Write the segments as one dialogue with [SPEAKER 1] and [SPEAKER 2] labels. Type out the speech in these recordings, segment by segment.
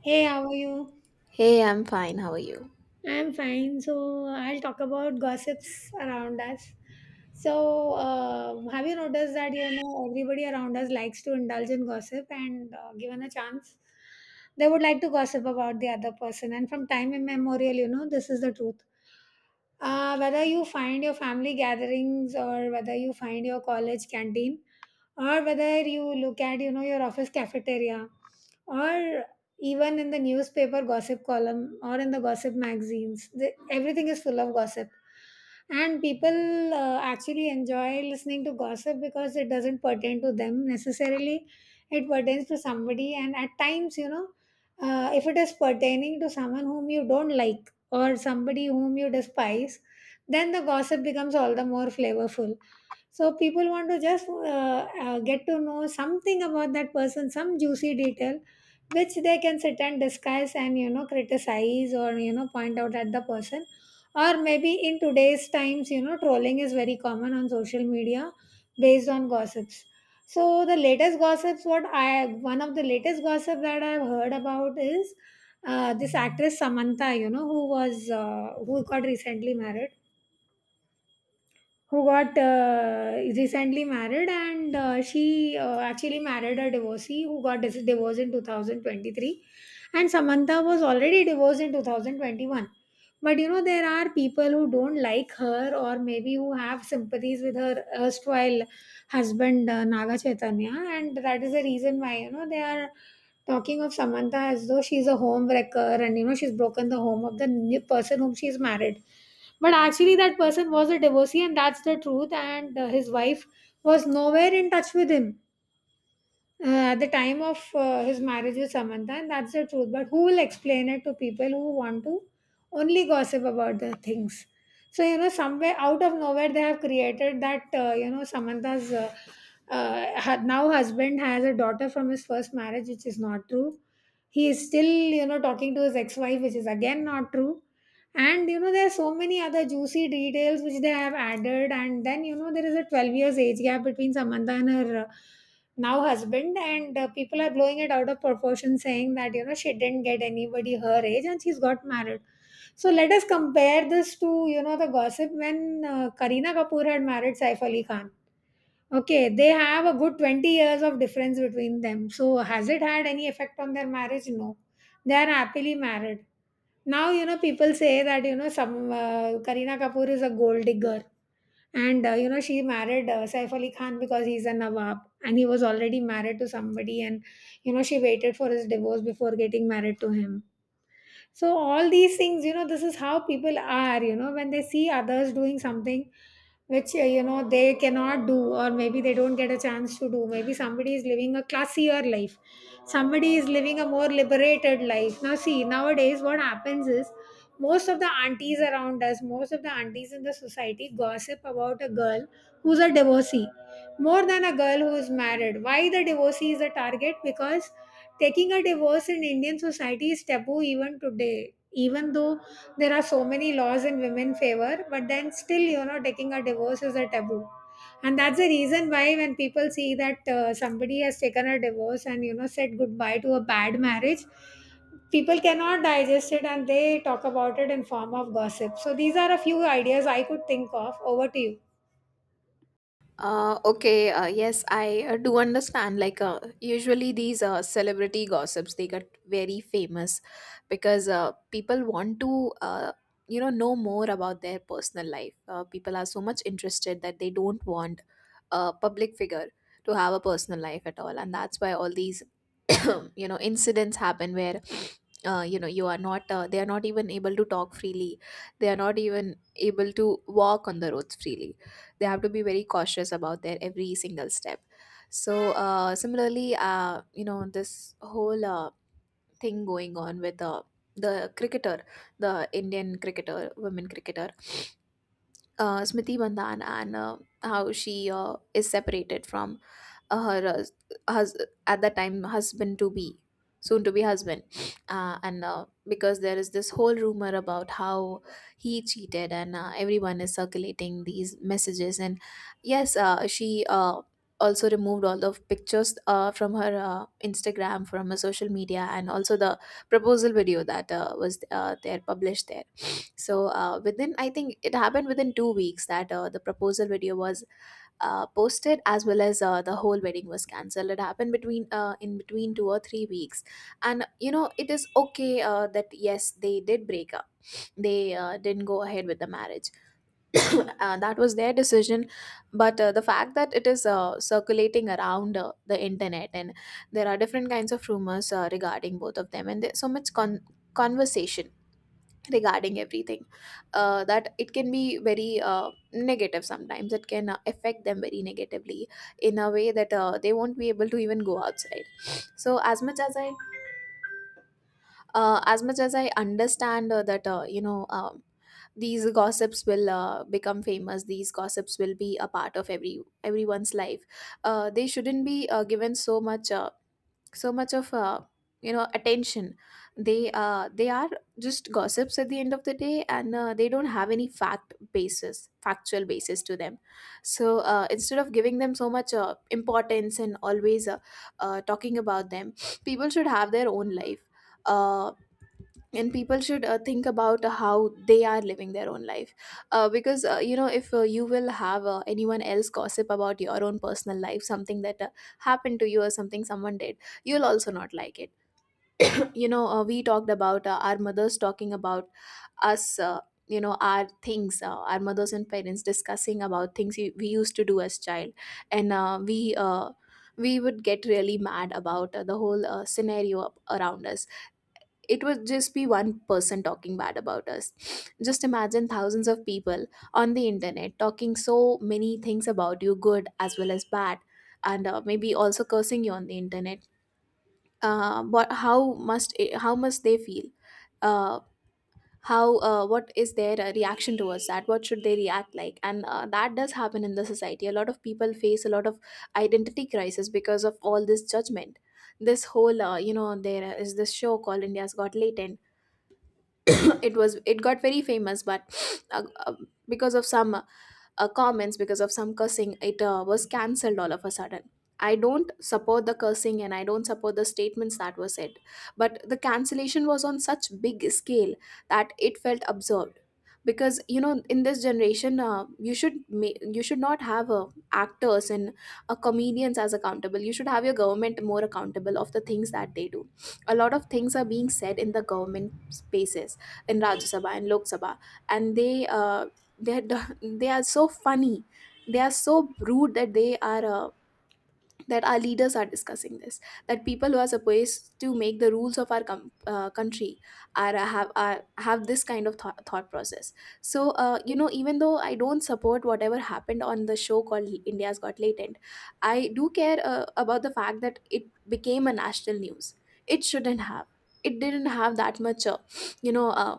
[SPEAKER 1] Hey, how are you?
[SPEAKER 2] Hey, I'm fine. How are you?
[SPEAKER 1] I'm fine. So, I'll talk about gossips around us. So, have you noticed that you know everybody around us likes to indulge in gossip, and given a chance, they would like to gossip about the other person. And from time immemorial, you know, this is the truth. Whether you find your family gatherings or whether you find your college canteen, or whether you look at you know your office cafeteria or even in the newspaper gossip column or in the gossip magazines the, everything is full of gossip and people actually enjoy listening to gossip because it doesn't pertain to them necessarily, it pertains to somebody, and at times you know if it is pertaining to someone whom you don't like or somebody whom you despise, then the gossip becomes all the more flavorful. So people want to just get to know something about that person, some juicy detail, which they can sit and discuss and you know criticize or you know point out at the person. Or maybe in today's times, you know, trolling is very common on social media based on gossips. So the latest gossips, what I one of the latest gossip that I've heard about is this actress Samantha, you know, who got recently married, who got recently married and she actually married a divorcee who got divorced in 2023, and Samantha was already divorced in 2021. But you know, there are people who don't like her, or maybe who have sympathies with her erstwhile husband Naga Chaitanya, and that is the reason why, you know, they are talking of Samantha as though she's a home wrecker and you know she's broken the home of the new person whom she's married. But actually, that person was a divorcee, and that's the truth. And his wife was nowhere in touch with him at the time of his marriage with Samantha, and that's the truth. But who will explain it to people who want to only gossip about the things? So, you know, somewhere out of nowhere, they have created that, you know, Samantha's now husband has a daughter from his first marriage, which is not true. He is still, you know, talking to his ex wife, which is again not true. And, you know, there are so many other juicy details which they have added. And then, you know, there is a 12 years age gap between Samantha and her. Now husband, and people are blowing it out of proportion saying that you know she didn't get anybody her age and she's got married. So let us compare this to you know the gossip when karina kapoor had married saif ali khan. Okay, they have a good 20 years of difference between them. So has it had any effect on their marriage? No, they are happily married. Now you know people say that you know some karina kapoor is a gold digger, and you know she married Saif Ali Khan because he's a Nawab and he was already married to somebody, and you know she waited for his divorce before getting married to him. So all these things, you know, this is how people are, you know, when they see others doing something which you know they cannot do, or maybe they don't get a chance to do, maybe somebody is living a classier life, somebody is living a more liberated life. Now see, nowadays what happens is most of the aunties around us, most of the aunties in the society, gossip about a girl who's a divorcee more than a girl who's married. Why? The divorcee is a target because taking a divorce in Indian society is taboo even today. Even though there are so many laws in women's favor, but then still, you know, taking a divorce is a taboo. And that's the reason why when people see that somebody has taken a divorce and, you know, said goodbye to a bad marriage, people cannot digest it and they talk about it in form of gossip. So these are a few ideas I could think of. Over to you.
[SPEAKER 2] Okay, yes, I do understand. Usually these celebrity gossips they get very famous because people want to, know more about their personal life. People are so much interested that they don't want a public figure to have a personal life at all, and that's why all these, you know, incidents happen where. You know you are not they are not even able to talk freely. They are not even able to walk on the roads freely. They have to be very cautious about their every single step. So similarly, you know, this whole thing going on with the cricketer the indian cricketer, women cricketer, Smriti Bandhan, and how she is separated from her hus- at that time husband to be, soon to be husband, and because there is this whole rumor about how he cheated, and everyone is circulating these messages. And yes, she also removed all the pictures from her instagram, from her social media, and also the proposal video that was there published there. So within I think it happened within 2 weeks that the proposal video was posted, as well as the whole wedding was cancelled. It happened between in between 2 or 3 weeks. And you know, it is okay, that yes, they did break up, they didn't go ahead with the marriage. That was their decision, but the fact that it is circulating around the internet, and there are different kinds of rumors regarding both of them, and there's so much conversation regarding everything, that it can be very negative. Sometimes it can affect them very negatively, in a way that they won't be able to even go outside. So as much as I understand, that these gossips will become famous. These gossips will be a part of everyone's life. They shouldn't be given so much so much of you know, attention. They are just gossips at the end of the day, and they don't have any factual basis to them. So instead of giving them so much importance and always talking about them, people should have their own life. Uh, and people should think about how they are living their own life. Because you know, if you will have anyone else gossip about your own personal life, something that happened to you or something someone did, you'll also not like it. You know, we talked about our mothers talking about us, our things, our mothers and parents discussing about things we used to do as child. And we would get really mad about the whole scenario up around us. It would just be one person talking bad about us. Just imagine thousands of people on the internet talking so many things about you, good as well as bad, and maybe also cursing you on the internet. But how must they feel? Uh, how what is their reaction towards that? What should they react like? And that does happen in the society. A lot of people face a lot of identity crisis because of all this judgment. This whole, you know, there is this show called india's got latent. It was it got very famous, but uh, uh, because of some comments, because of some cursing, it was cancelled all of a sudden. I don't support the cursing and I don't support the statements that were said, but the cancellation was on such big scale that it felt absurd. Because you know, in this generation, you should not have actors and comedians as accountable. You should have your government more accountable of the things that they do. A lot of things are being said in the government spaces, in rajya sabha and lok sabha. And they, uh, they're they are so funny, they are so rude, that they are that our leaders are discussing this, that people who are supposed to make the rules of our country are have this kind of thought process. So you know, even though I don't support whatever happened on the show called india's got latent, I do care about the fact that it became a national news. It shouldn't have. It didn't have that much, you know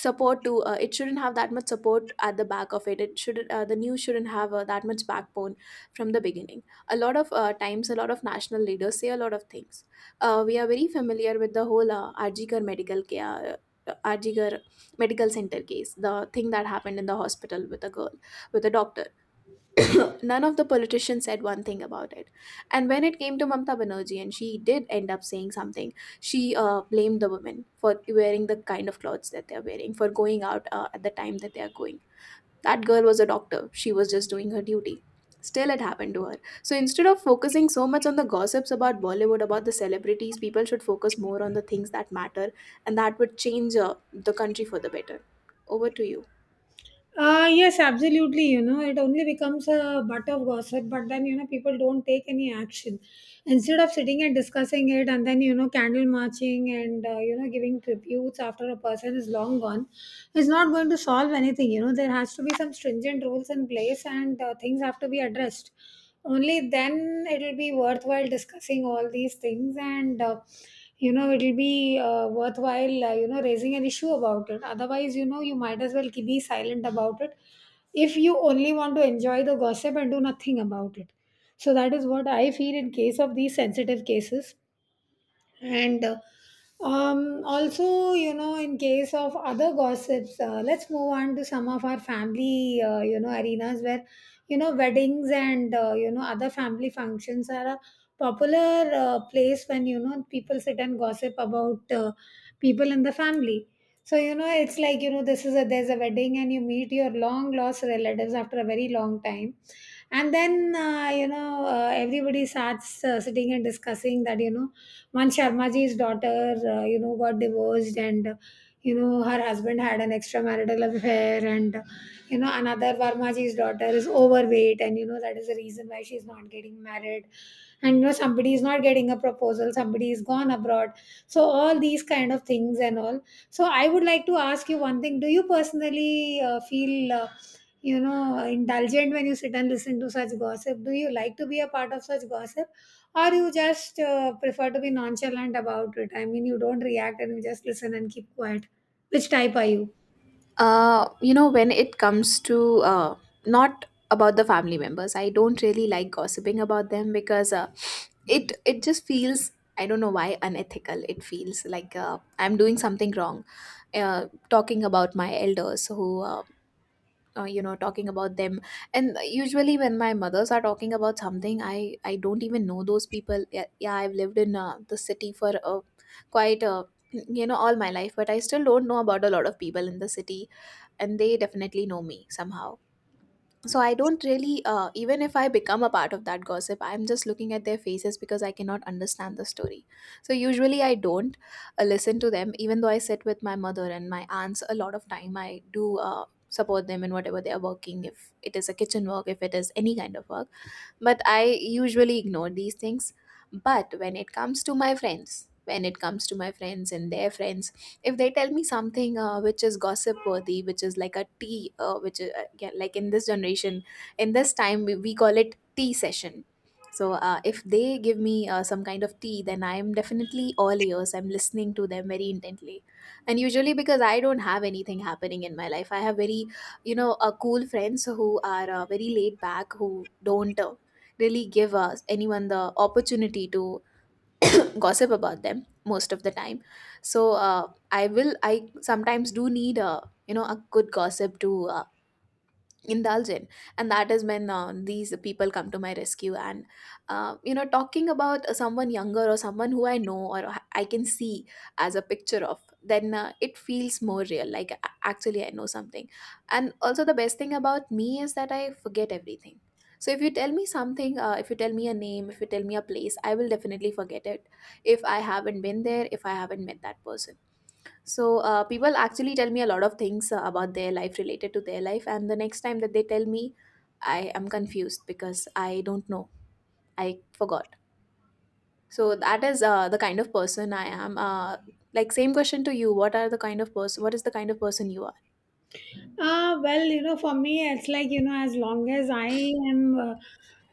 [SPEAKER 2] support to it shouldn't have that much support at the back of it. It should the news shouldn't have that much backbone from the beginning. A lot of times, a lot of national leaders say a lot of things. We are very familiar with the whole Arjikar medical center case, the thing that happened in the hospital with a girl, with a doctor. None of the politicians said one thing about it. And when it came to Mamta Banerjee, and she did end up saying something, she blamed the women for wearing the kind of clothes that they're wearing, for going out at the time that they're going. That girl was a doctor, she was just doing her duty. Still, it happened to her. So instead of focusing so much on the gossips about Bollywood, about the celebrities, people should focus more on the things that matter, and that would change the country for the better. Over to you.
[SPEAKER 1] Yes, absolutely. You know, it only becomes a butt of gossip, but then, you know, people don't take any action. Instead of sitting and discussing it and then, you know, candle marching and, you know, giving tributes after a person is long gone, is not going to solve anything. You know, there has to be some stringent rules in place, and things have to be addressed. Only then it'll be worthwhile discussing all these things, and you know it'll be worthwhile, you know, raising an issue about it. Otherwise, you know, you might as well be silent about it if you only want to enjoy the gossip and do nothing about it. So that is what I feel in case of these sensitive cases. And also, you know, in case of other gossips, let's move on to some of our family, you know, arenas where, you know, weddings and, you know, other family functions are a popular place when, you know, people sit and gossip about people in the family. So, you know, it's like, you know, there's a wedding and you meet your long lost relatives after a very long time, and then you know everybody starts sitting and discussing that you know one Sharmaji's daughter you know got divorced, and you know her husband had an extramarital affair, and you know another Varmaji's daughter is overweight and you know that is the reason why she's not getting married, and you know somebody is not getting a proposal, somebody is gone abroad. So all these kind of things and all. So I would like to ask you one thing: do you personally feel you know indulgent when you sit and listen to such gossip? Do you like to be a part of such gossip, or you just prefer to be nonchalant about it? I mean, you don't react and you just listen and keep quiet. Which type are you?
[SPEAKER 2] You know, when it comes to not about the family members, I don't really like gossiping about them, because it just feels, I don't know why, unethical. It feels like I'm doing something wrong, talking about my elders who. You know, talking about them. And usually when my mothers are talking about something, i don't even know those people. Yeah, yeah, I've lived in the city for quite you know, all my life, but I still don't know about a lot of people in the city, and they definitely know me somehow. So I don't really, even if I become a part of that gossip, I'm just looking at their faces because I cannot understand the story. So usually I don't listen to them, even though I sit with my mother and my aunts a lot of time. I do support them in whatever they are working, if it is a kitchen work, if it is any kind of work, but I usually ignore these things. But when it comes to my friends, when it comes to my friends and their friends, if they tell me something which is gossip worthy, which is like a tea, which is, yeah, like in this generation, in this time, we call it tea session. So if they give me some kind of tea, then I am definitely all ears. I'm listening to them very intently, and usually because I don't have anything happening in my life, I have very, cool friends who are very laid back, who don't really give us anyone the opportunity to gossip about them most of the time. So I will I sometimes do need a, you know, a good gossip to indulge in. And that is when these people come to my rescue. And you know, talking about someone younger or someone who I know or I can see as a picture of, then it feels more real, like actually I know something. And also the best thing about me is that I forget everything. So if you tell me something, if you tell me a name, if you tell me a place, I will definitely forget it, if I haven't been there, if I haven't met that person. So people actually tell me a lot of things about their life related to their life, and the next time that they tell me, I am confused because I don't know. I forgot. So that is the kind of person I am. Like same question to you. What are the kind of person? What is the kind of person you are?
[SPEAKER 1] Well, you know, for me it's like, you know, as long as I am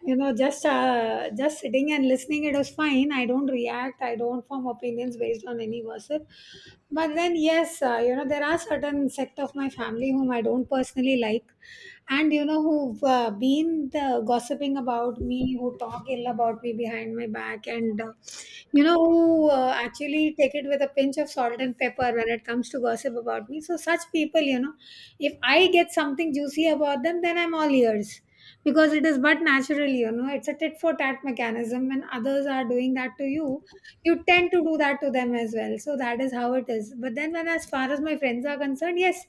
[SPEAKER 1] you know just sitting and listening, it was fine. I don't react, I don't form opinions based on any gossip. But then yes, you know, there are certain sect of my family whom I don't personally like, and you know who've been the gossiping about me, who talk ill about me behind my back, and you know who actually take it with a pinch of salt and pepper when it comes to gossip about me. So such people, you know, if I get something juicy about them, then I'm all ears. Because it is but natural, you know, it's a tit for tat mechanism. When others are doing that to you, you tend to do that to them as well. So that is how it is. But then, when as far as my friends are concerned, yes,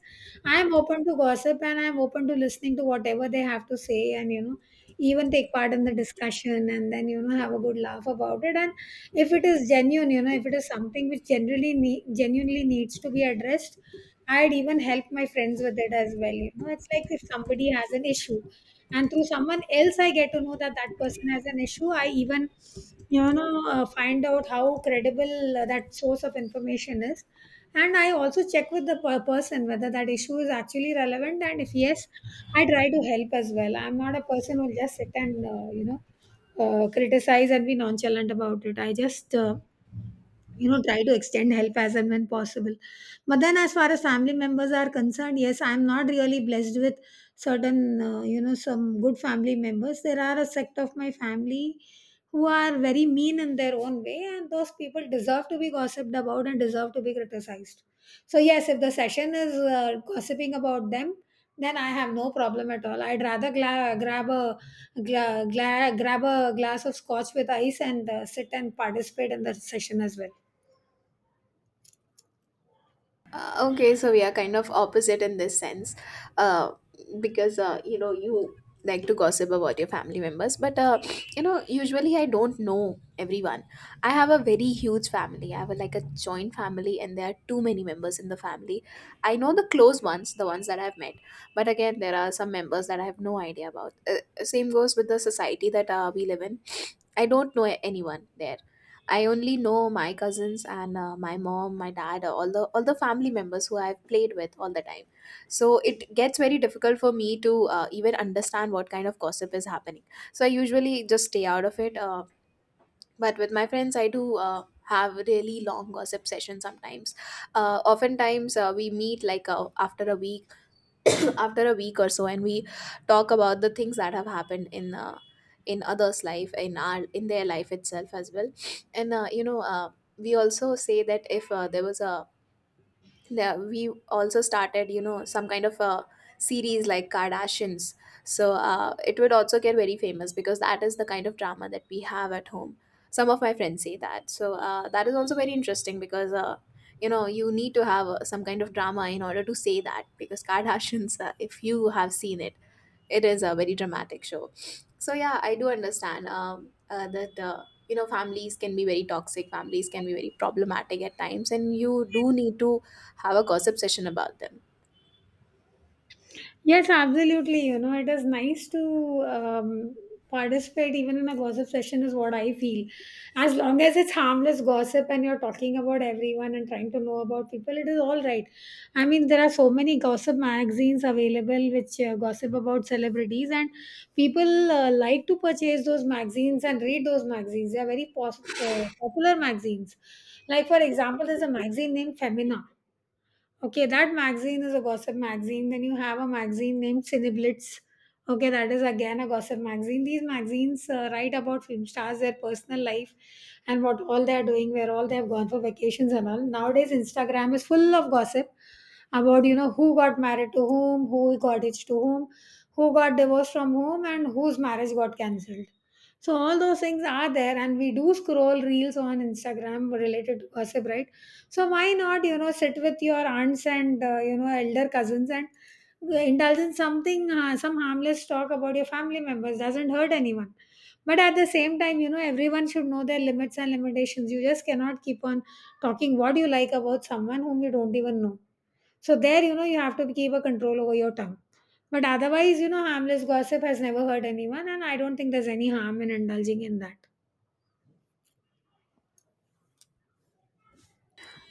[SPEAKER 1] I am open to gossip and I am open to listening to whatever they have to say, and you know even take part in the discussion and then you know have a good laugh about it. And if it is genuine, you know, if it is something which genuinely needs to be addressed, I'd even help my friends with it as well. You know, it's like if somebody has an issue and through someone else I get to know that that person has an issue, I even you know find out how credible that source of information is, and I also check with the person whether that issue is actually relevant, and if yes, I try to help as well. I'm not a person who'll just sit and you know criticize and be nonchalant about it. I just you know try to extend help as and when possible. But then as far as family members are concerned, yes, I'm not really blessed with certain you know some good family members. There are a sect of my family who are very mean in their own way, and those people deserve to be gossiped about and deserve to be criticized. So yes, if the session is gossiping about them, then I have no problem at all. I'd rather grab a grab a glass of scotch with ice and sit and participate in the session as well.
[SPEAKER 2] Okay, so we are kind of opposite in this sense, uh, because you like to gossip about your family members, but usually I don't know everyone. I have a very huge family. I have a, like a joint family, and there are too many members in the family. I know the close ones, the ones that I've met, but again there are some members that I have no idea about. Same goes with the society that we live in. I don't know anyone there. I only know my cousins and my mom, my dad, all the family members who I've played with all the time. So it gets very difficult for me to even understand what kind of gossip is happening. So I usually just stay out of it. But with my friends, I do. Have really long gossip sessions sometimes. Uh, oftentimes we meet like after a week after a week or so, and we talk about the things that have happened in others life, in our in their life itself as well. And you know We also say that if there was a the- we also started you know some kind of a series like Kardashians, so it would also get very famous because that is the kind of drama that we have at home, some of my friends say. That is also very interesting because you need to have some kind of drama in order to say that, because Kardashians, if you have seen it, it is a very dramatic show. So yeah, I do understand that families can be very toxic, families can be very problematic at times, and you do need to have a gossip session about them.
[SPEAKER 1] Yes, absolutely. You know, it is nice to participate even in a gossip session, is what I feel. As long as it's harmless gossip and you're talking about everyone and trying to know about people, it is all right. I mean, there are so many gossip magazines available which gossip about celebrities, and people like to purchase those magazines and read those magazines. They are very popular magazines. Like, for example, there's a magazine named Femina. Okay, that magazine is a gossip magazine. Then you have a magazine named Cineblitz. Okay, that is again a gossip magazine. These magazines write about film stars, their personal life, and what all they are doing, where all they have gone for vacations and all. Nowadays, Instagram is full of gossip about, you know, who got married to whom, who got hitched to whom, who got divorced from whom, and whose marriage got cancelled. So all those things are there, and we do scroll reels on Instagram related to gossip, right? So why not, you know, sit with your aunts and you know, elder cousins and indulge in something, some harmless talk about your family members doesn't hurt anyone. But at the same time, you know, everyone should know their limits and limitations. You just cannot keep on talking what you like about someone whom you don't even know. So there, you know, you have to keep a control over your tongue. But otherwise, you know, harmless gossip has never hurt anyone, and I don't think there's any harm in indulging in that.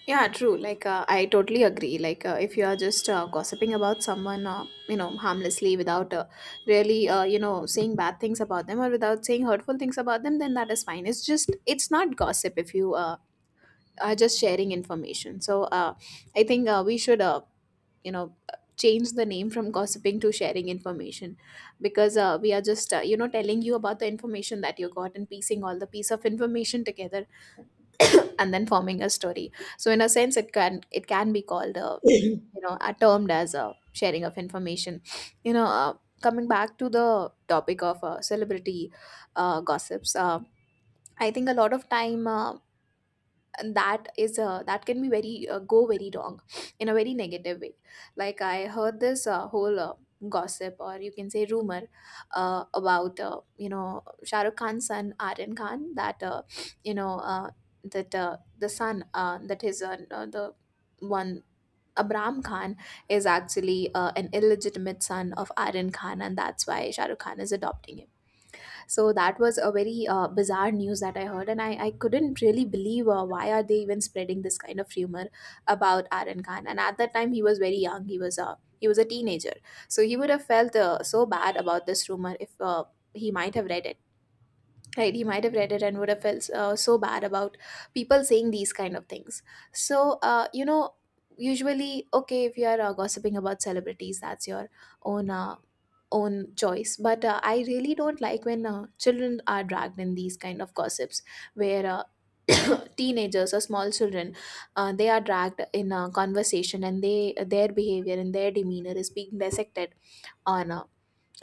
[SPEAKER 2] Yeah, true. Like, I totally agree. Like, if you are just gossiping about someone, harmlessly without saying bad things about them or without saying hurtful things about them, then that is fine. It's just, it's not gossip if you are just sharing information. So, I think we should, you know, change the name from gossiping to sharing information, because we are just, telling you about the information that you got and piecing all the piece of information together and then forming a story. So in a sense, it can be called a are termed as a sharing of information. You know, uh, Coming back to the topic of celebrity gossips, I think a lot of time. And that is that can be very go very wrong in a very negative way. Like, I heard this whole gossip, or you can say rumor, about Shah Rukh Khan's son Aryan Khan, that you know that the son, that his the one, Abram Khan, is actually an illegitimate son of Aryan Khan, and that's why Shah Rukh Khan is adopting him. So that was a very bizarre news that I heard, and I couldn't really believe why are they even spreading this kind of rumor about Aaron Khan. And at that time he was very young, he was a teenager, so he would have felt so bad about this rumor if he might have read it. Right, he might have read it and would have felt so bad about people saying these kind of things. So, usually, okay, if you are gossiping about celebrities, that's your own own choice. But I really don't like when children are dragged in these kind of gossips, where teenagers or small children, they are dragged in a conversation, and they their behavior and their demeanor is being dissected on uh,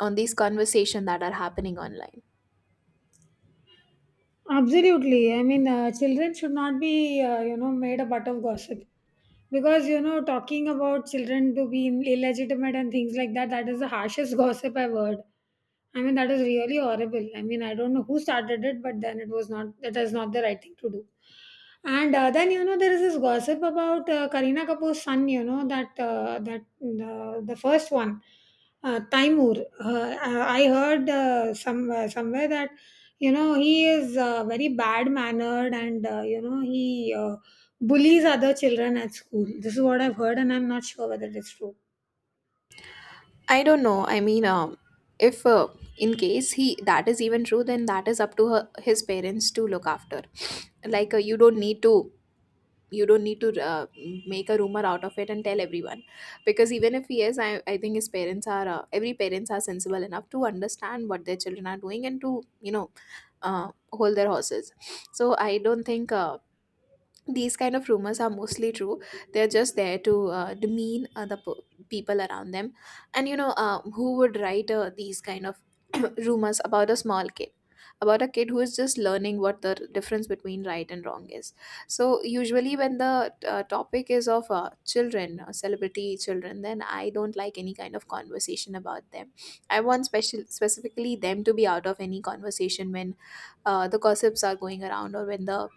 [SPEAKER 2] on these conversation that are happening online.
[SPEAKER 1] Absolutely. I mean, children should not be, you know, made a butt of gossip, because, you know, talking about children to be illegitimate and things like that, that is the harshest gossip I've heard. I mean, that is really horrible. I mean, I don't know who started it, but then it was not— that is not the right thing to do. And then, you know, there is this gossip about Karina Kapoor's son, you know, that that the first one, Taimur, I heard some somewhere that, you know, he is, very bad mannered, and, you know, he uh, bullies other children at school. This is what I've heard, and I'm not sure whether it's true.
[SPEAKER 2] I don't know. I mean, if in case he that is even true, then that is up to her, his parents to look after. Like, you don't need to, you don't need to uh, make a rumor out of it and tell everyone, because even if he is I think his parents are every parents are sensible enough to understand what their children are doing and to you know hold their horses. So I don't think these kind of rumors are mostly true. They're just there to demean other people around them. And you know who would write these kind of rumors about a small kid, about a kid who is just learning what the difference between right and wrong is. So usually when the topic is of children, celebrity children, then I don't like any kind of conversation about them. I want special specifically them to be out of any conversation when the gossips are going around, or when the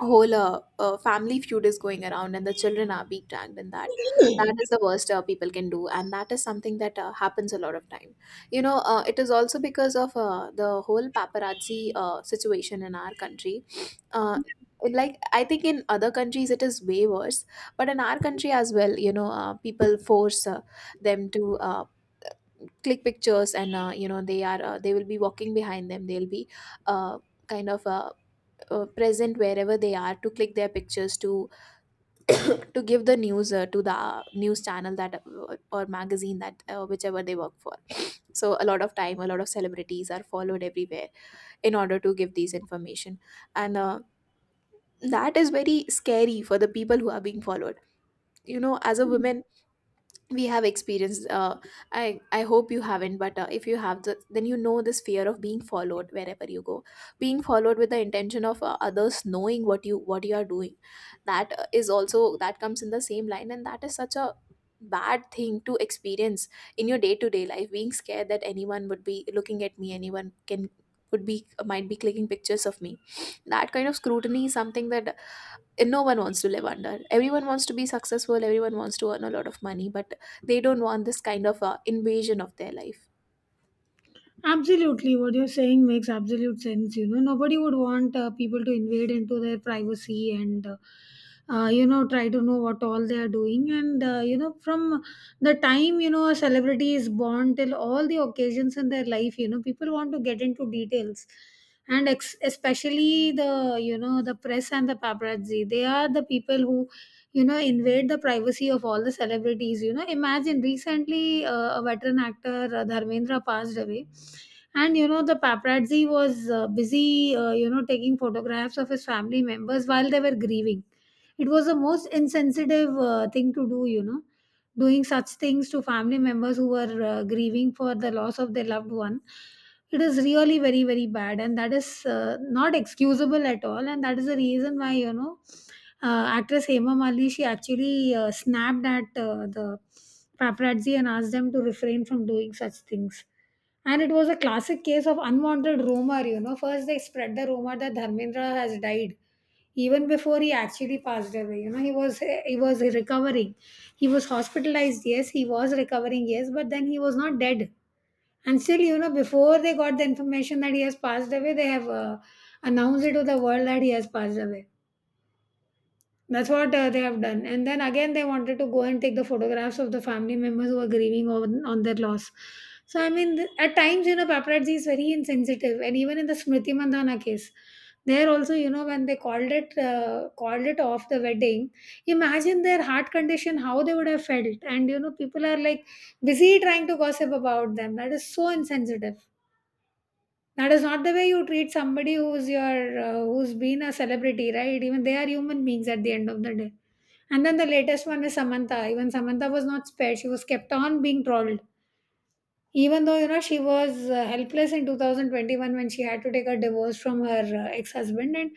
[SPEAKER 2] whole family feud is going around and the children are being dragged in that. That is the worst people can do, and that is something that happens a lot of time. You know it is also because of the whole paparazzi situation in our country. uh, like, I think in other countries it is way worse, but in our country as well, you know people force them to click pictures. And they are they will be walking behind them, they'll be uh, kind of present wherever they are to click their pictures, to to give the news to the news channel that or magazine that whichever they work for. So a lot of time, a lot of celebrities are followed everywhere in order to give these information, and that is very scary for the people who are being followed. You know, as a woman, we have experienced I hope you haven't, but if you have then you know this fear of being followed wherever you go, being followed with the intention of others knowing what you are doing. That is also that comes in the same line, and that is such a bad thing to experience in your day to day life, being scared that anyone would be looking at me, anyone can would be, might be clicking pictures of me. That kind of scrutiny is something that and no one wants to live under. Everyone wants to be successful, everyone wants to earn a lot of money, but they don't want this kind of invasion of their life.
[SPEAKER 1] Absolutely, what you're saying makes absolute sense. You know, nobody would want people to invade into their privacy and, you know, try to know what all they are doing. And, you know, from the time, you know, a celebrity is born till all the occasions in their life, you know, people want to get into details. And especially the, you know, the press and the paparazzi, they are the people who, you know, invade the privacy of all the celebrities. You know, imagine recently a veteran actor, Dharmendra, passed away, and, you know, the paparazzi was busy, you know, taking photographs of his family members while they were grieving. It was the most insensitive thing to do, you know, doing such things to family members who are grieving for the loss of their loved one. It is really very, very bad, and that is not excusable at all, and that is the reason why, you know, actress Hema Mali, she actually snapped at the paparazzi and asked them to refrain from doing such things. And it was a classic case of unwanted rumor. You know, first they spread the rumor that Dharmendra has died even before he actually passed away. You know, he was recovering, he was hospitalized, yes, he was recovering, yes, but then he was not dead. And still, you know, before they got the information that he has passed away, they have announced it to the world that he has passed away. That's what they have done. And then again, they wanted to go and take the photographs of the family members who are grieving on their loss. So, I mean, at times, you know, paparazzi is very insensitive. And even in the Smriti Mandhana case, there also, you know, when they called it off, the wedding, imagine their heart condition, how they would have felt. And, you know, people are like busy trying to gossip about them. That is so insensitive. That is not the way you treat somebody who's your who's been a celebrity, right? Even they are human beings at the end of the day. And then the latest one is Samantha. Even Samantha was not spared. She was kept on being trolled. Even though, you know, she was helpless in 2021 when she had to take a divorce from her ex husband. And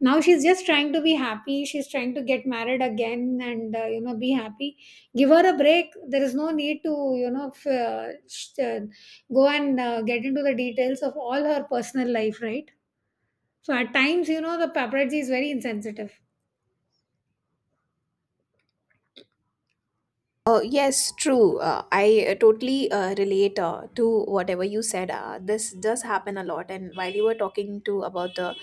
[SPEAKER 1] now she's just trying to be happy. She's trying to get married again and, you know, be happy. Give her a break. There is no need to, you know, go and get into the details of all her personal life, right? So at times, you know, the paparazzi is very insensitive.
[SPEAKER 2] Oh, yes, true. I totally relate to whatever you said. This does happen a lot. And while you were talking to about the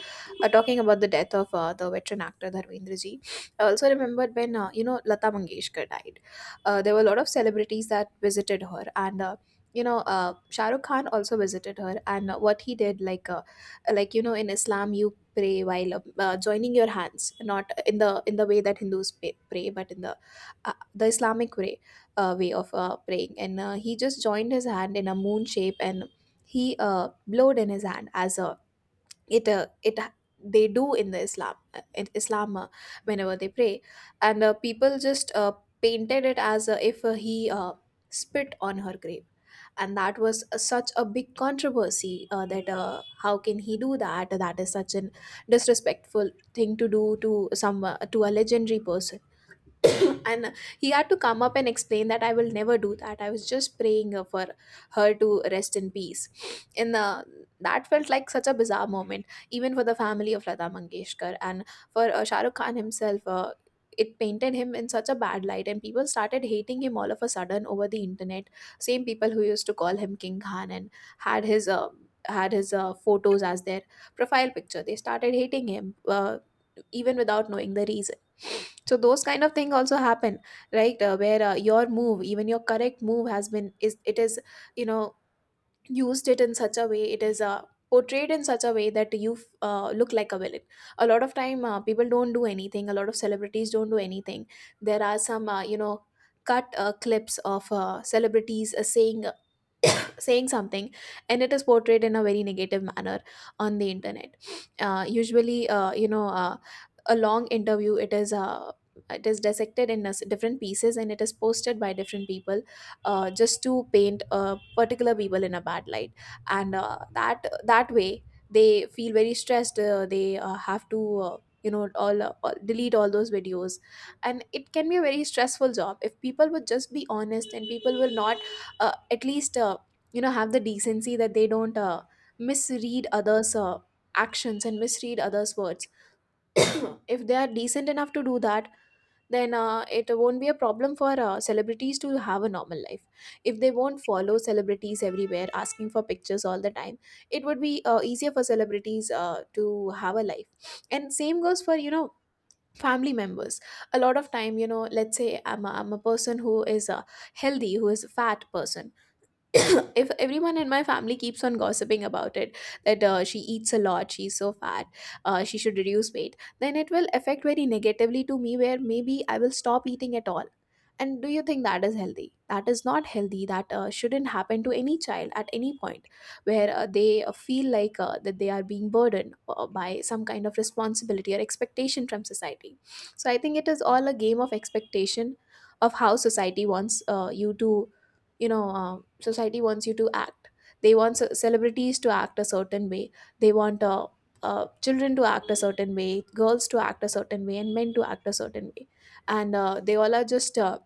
[SPEAKER 2] talking about the death of the veteran actor Dharmendra ji, I also remembered when Lata Mangeshkar died. There were a lot of celebrities that visited her, and Shah Rukh Khan also visited her. And what he did, like, like you know, in Islam, you pray while joining your hands, not in the way that Hindus pray, but in the Islamic way, way of praying. And he just joined his hand in a moon shape, and he blowed in his hand as a it it they do in the Islam, in Islam, whenever they pray. And people just painted it as if he spit on her grave. And that was such a big controversy, that how can he do that? That is such an disrespectful thing to do to some to a legendary person and he had to come up and explain that I will never do that. I was just praying for her to rest in peace. And that felt like such a bizarre moment, even for the family of Lata Mangeshkar and for Shah Rukh Khan himself. It painted him in such a bad light, and people started hating him all of a sudden over the internet. Same people who used to call him King Khan and had his photos as their profile picture, they started hating him, even without knowing the reason. So those kind of thing also happen, right? Where your move, even your correct move, has been is you know used it in such a way, it is portrayed in such a way that you look like a villain. A lot of time people don't do anything, a lot of celebrities don't do anything. There are some cut clips of celebrities saying something, and it is portrayed in a very negative manner on the internet. Usually you know A long interview, it is dissected in a different pieces, and it is posted by different people, just to paint a particular people in a bad light. And that that way they feel very stressed. They have to all delete all those videos, and it can be a very stressful job. If people would just be honest, and people will not at least you know have the decency that they don't misread others actions and misread others words if they are decent enough to do that, then it won't be a problem for celebrities to have a normal life. If they won't follow celebrities everywhere asking for pictures all the time, it would be easier for celebrities to have a life. And same goes for you know family members. A lot of time, you know, let's say I'm a person who is a healthy, who is a fat person. If everyone in my family keeps on gossiping about it, that she eats a lot, she's so fat, she should reduce weight, then it will affect very negatively to me, where maybe I will stop eating at all. And do you think that is healthy? That is not healthy. That shouldn't happen to any child at any point, where they feel like that they are being burdened by some kind of responsibility or expectation from society. So I think it is all a game of expectation, of how society wants you to you know uh, society wants you to act. They want celebrities to act a certain way, they want children to act a certain way, girls to act a certain way, and men to act a certain way. And they all are just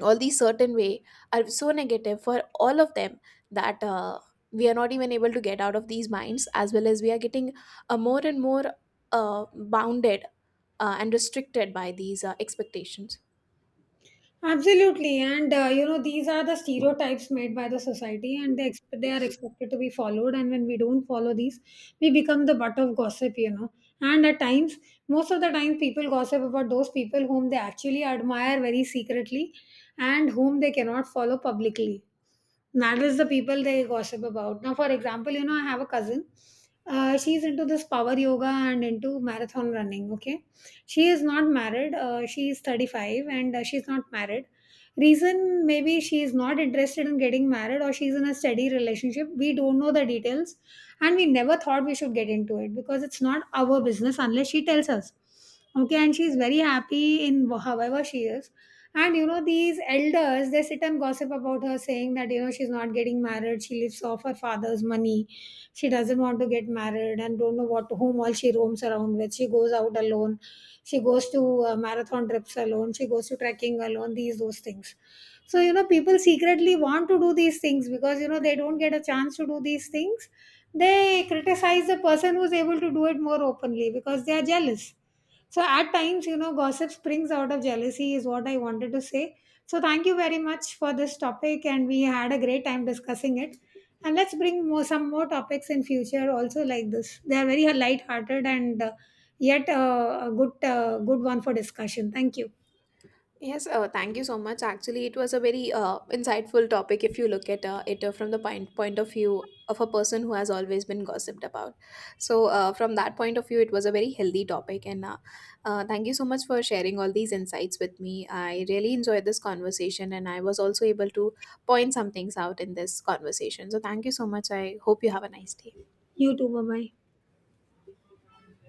[SPEAKER 2] all these certain way are so negative for all of them, that we are not even able to get out of these minds, as well as we are getting more and more bounded and restricted by these expectations.
[SPEAKER 1] Absolutely, and you know, these are the stereotypes made by the society, and they are expected to be followed. And when we don't follow these, we become the butt of gossip, you know. And at times, most of the time, people gossip about those people whom they actually admire very secretly, and whom they cannot follow publicly. That is the people they gossip about. Now, for example, you know, I have a cousin. She's into this power yoga and into marathon running. Okay, she is not married. She is 35 and she's not married. Reason maybe she is not interested in getting married, or she's in a steady relationship. We don't know the details, and we never thought we should get into it because it's not our business unless she tells us. Okay, and she's very happy in however she is. And you know, these elders, they sit and gossip about her, saying that, you know, she's not getting married, she lives off her father's money, she doesn't want to get married, and don't know what whom all she roams around with. She goes out alone, she goes to marathon trips alone, she goes to trekking alone, these those things. So, you know, people secretly want to do these things because, you know, they don't get a chance to do these things. They criticize the person who's able to do it more openly because they are jealous. So at times, you know, gossip springs out of jealousy is what I wanted to say. So thank you very much for this topic, and we had a great time discussing it. And let's bring more some more topics in future also like this. They are very light-hearted and yet a good good one for discussion. Thank you.
[SPEAKER 2] Yes, thank you so much. Actually, it was a very insightful topic if you look at it from the point of view of a person who has always been gossiped about. So, from that point of view, it was a very healthy topic. And thank you so much for sharing all these insights with me. I really enjoyed this conversation, and I was also able to point some things out in this conversation. So, thank you so much. I hope you have a nice day.
[SPEAKER 1] You too. Bye bye.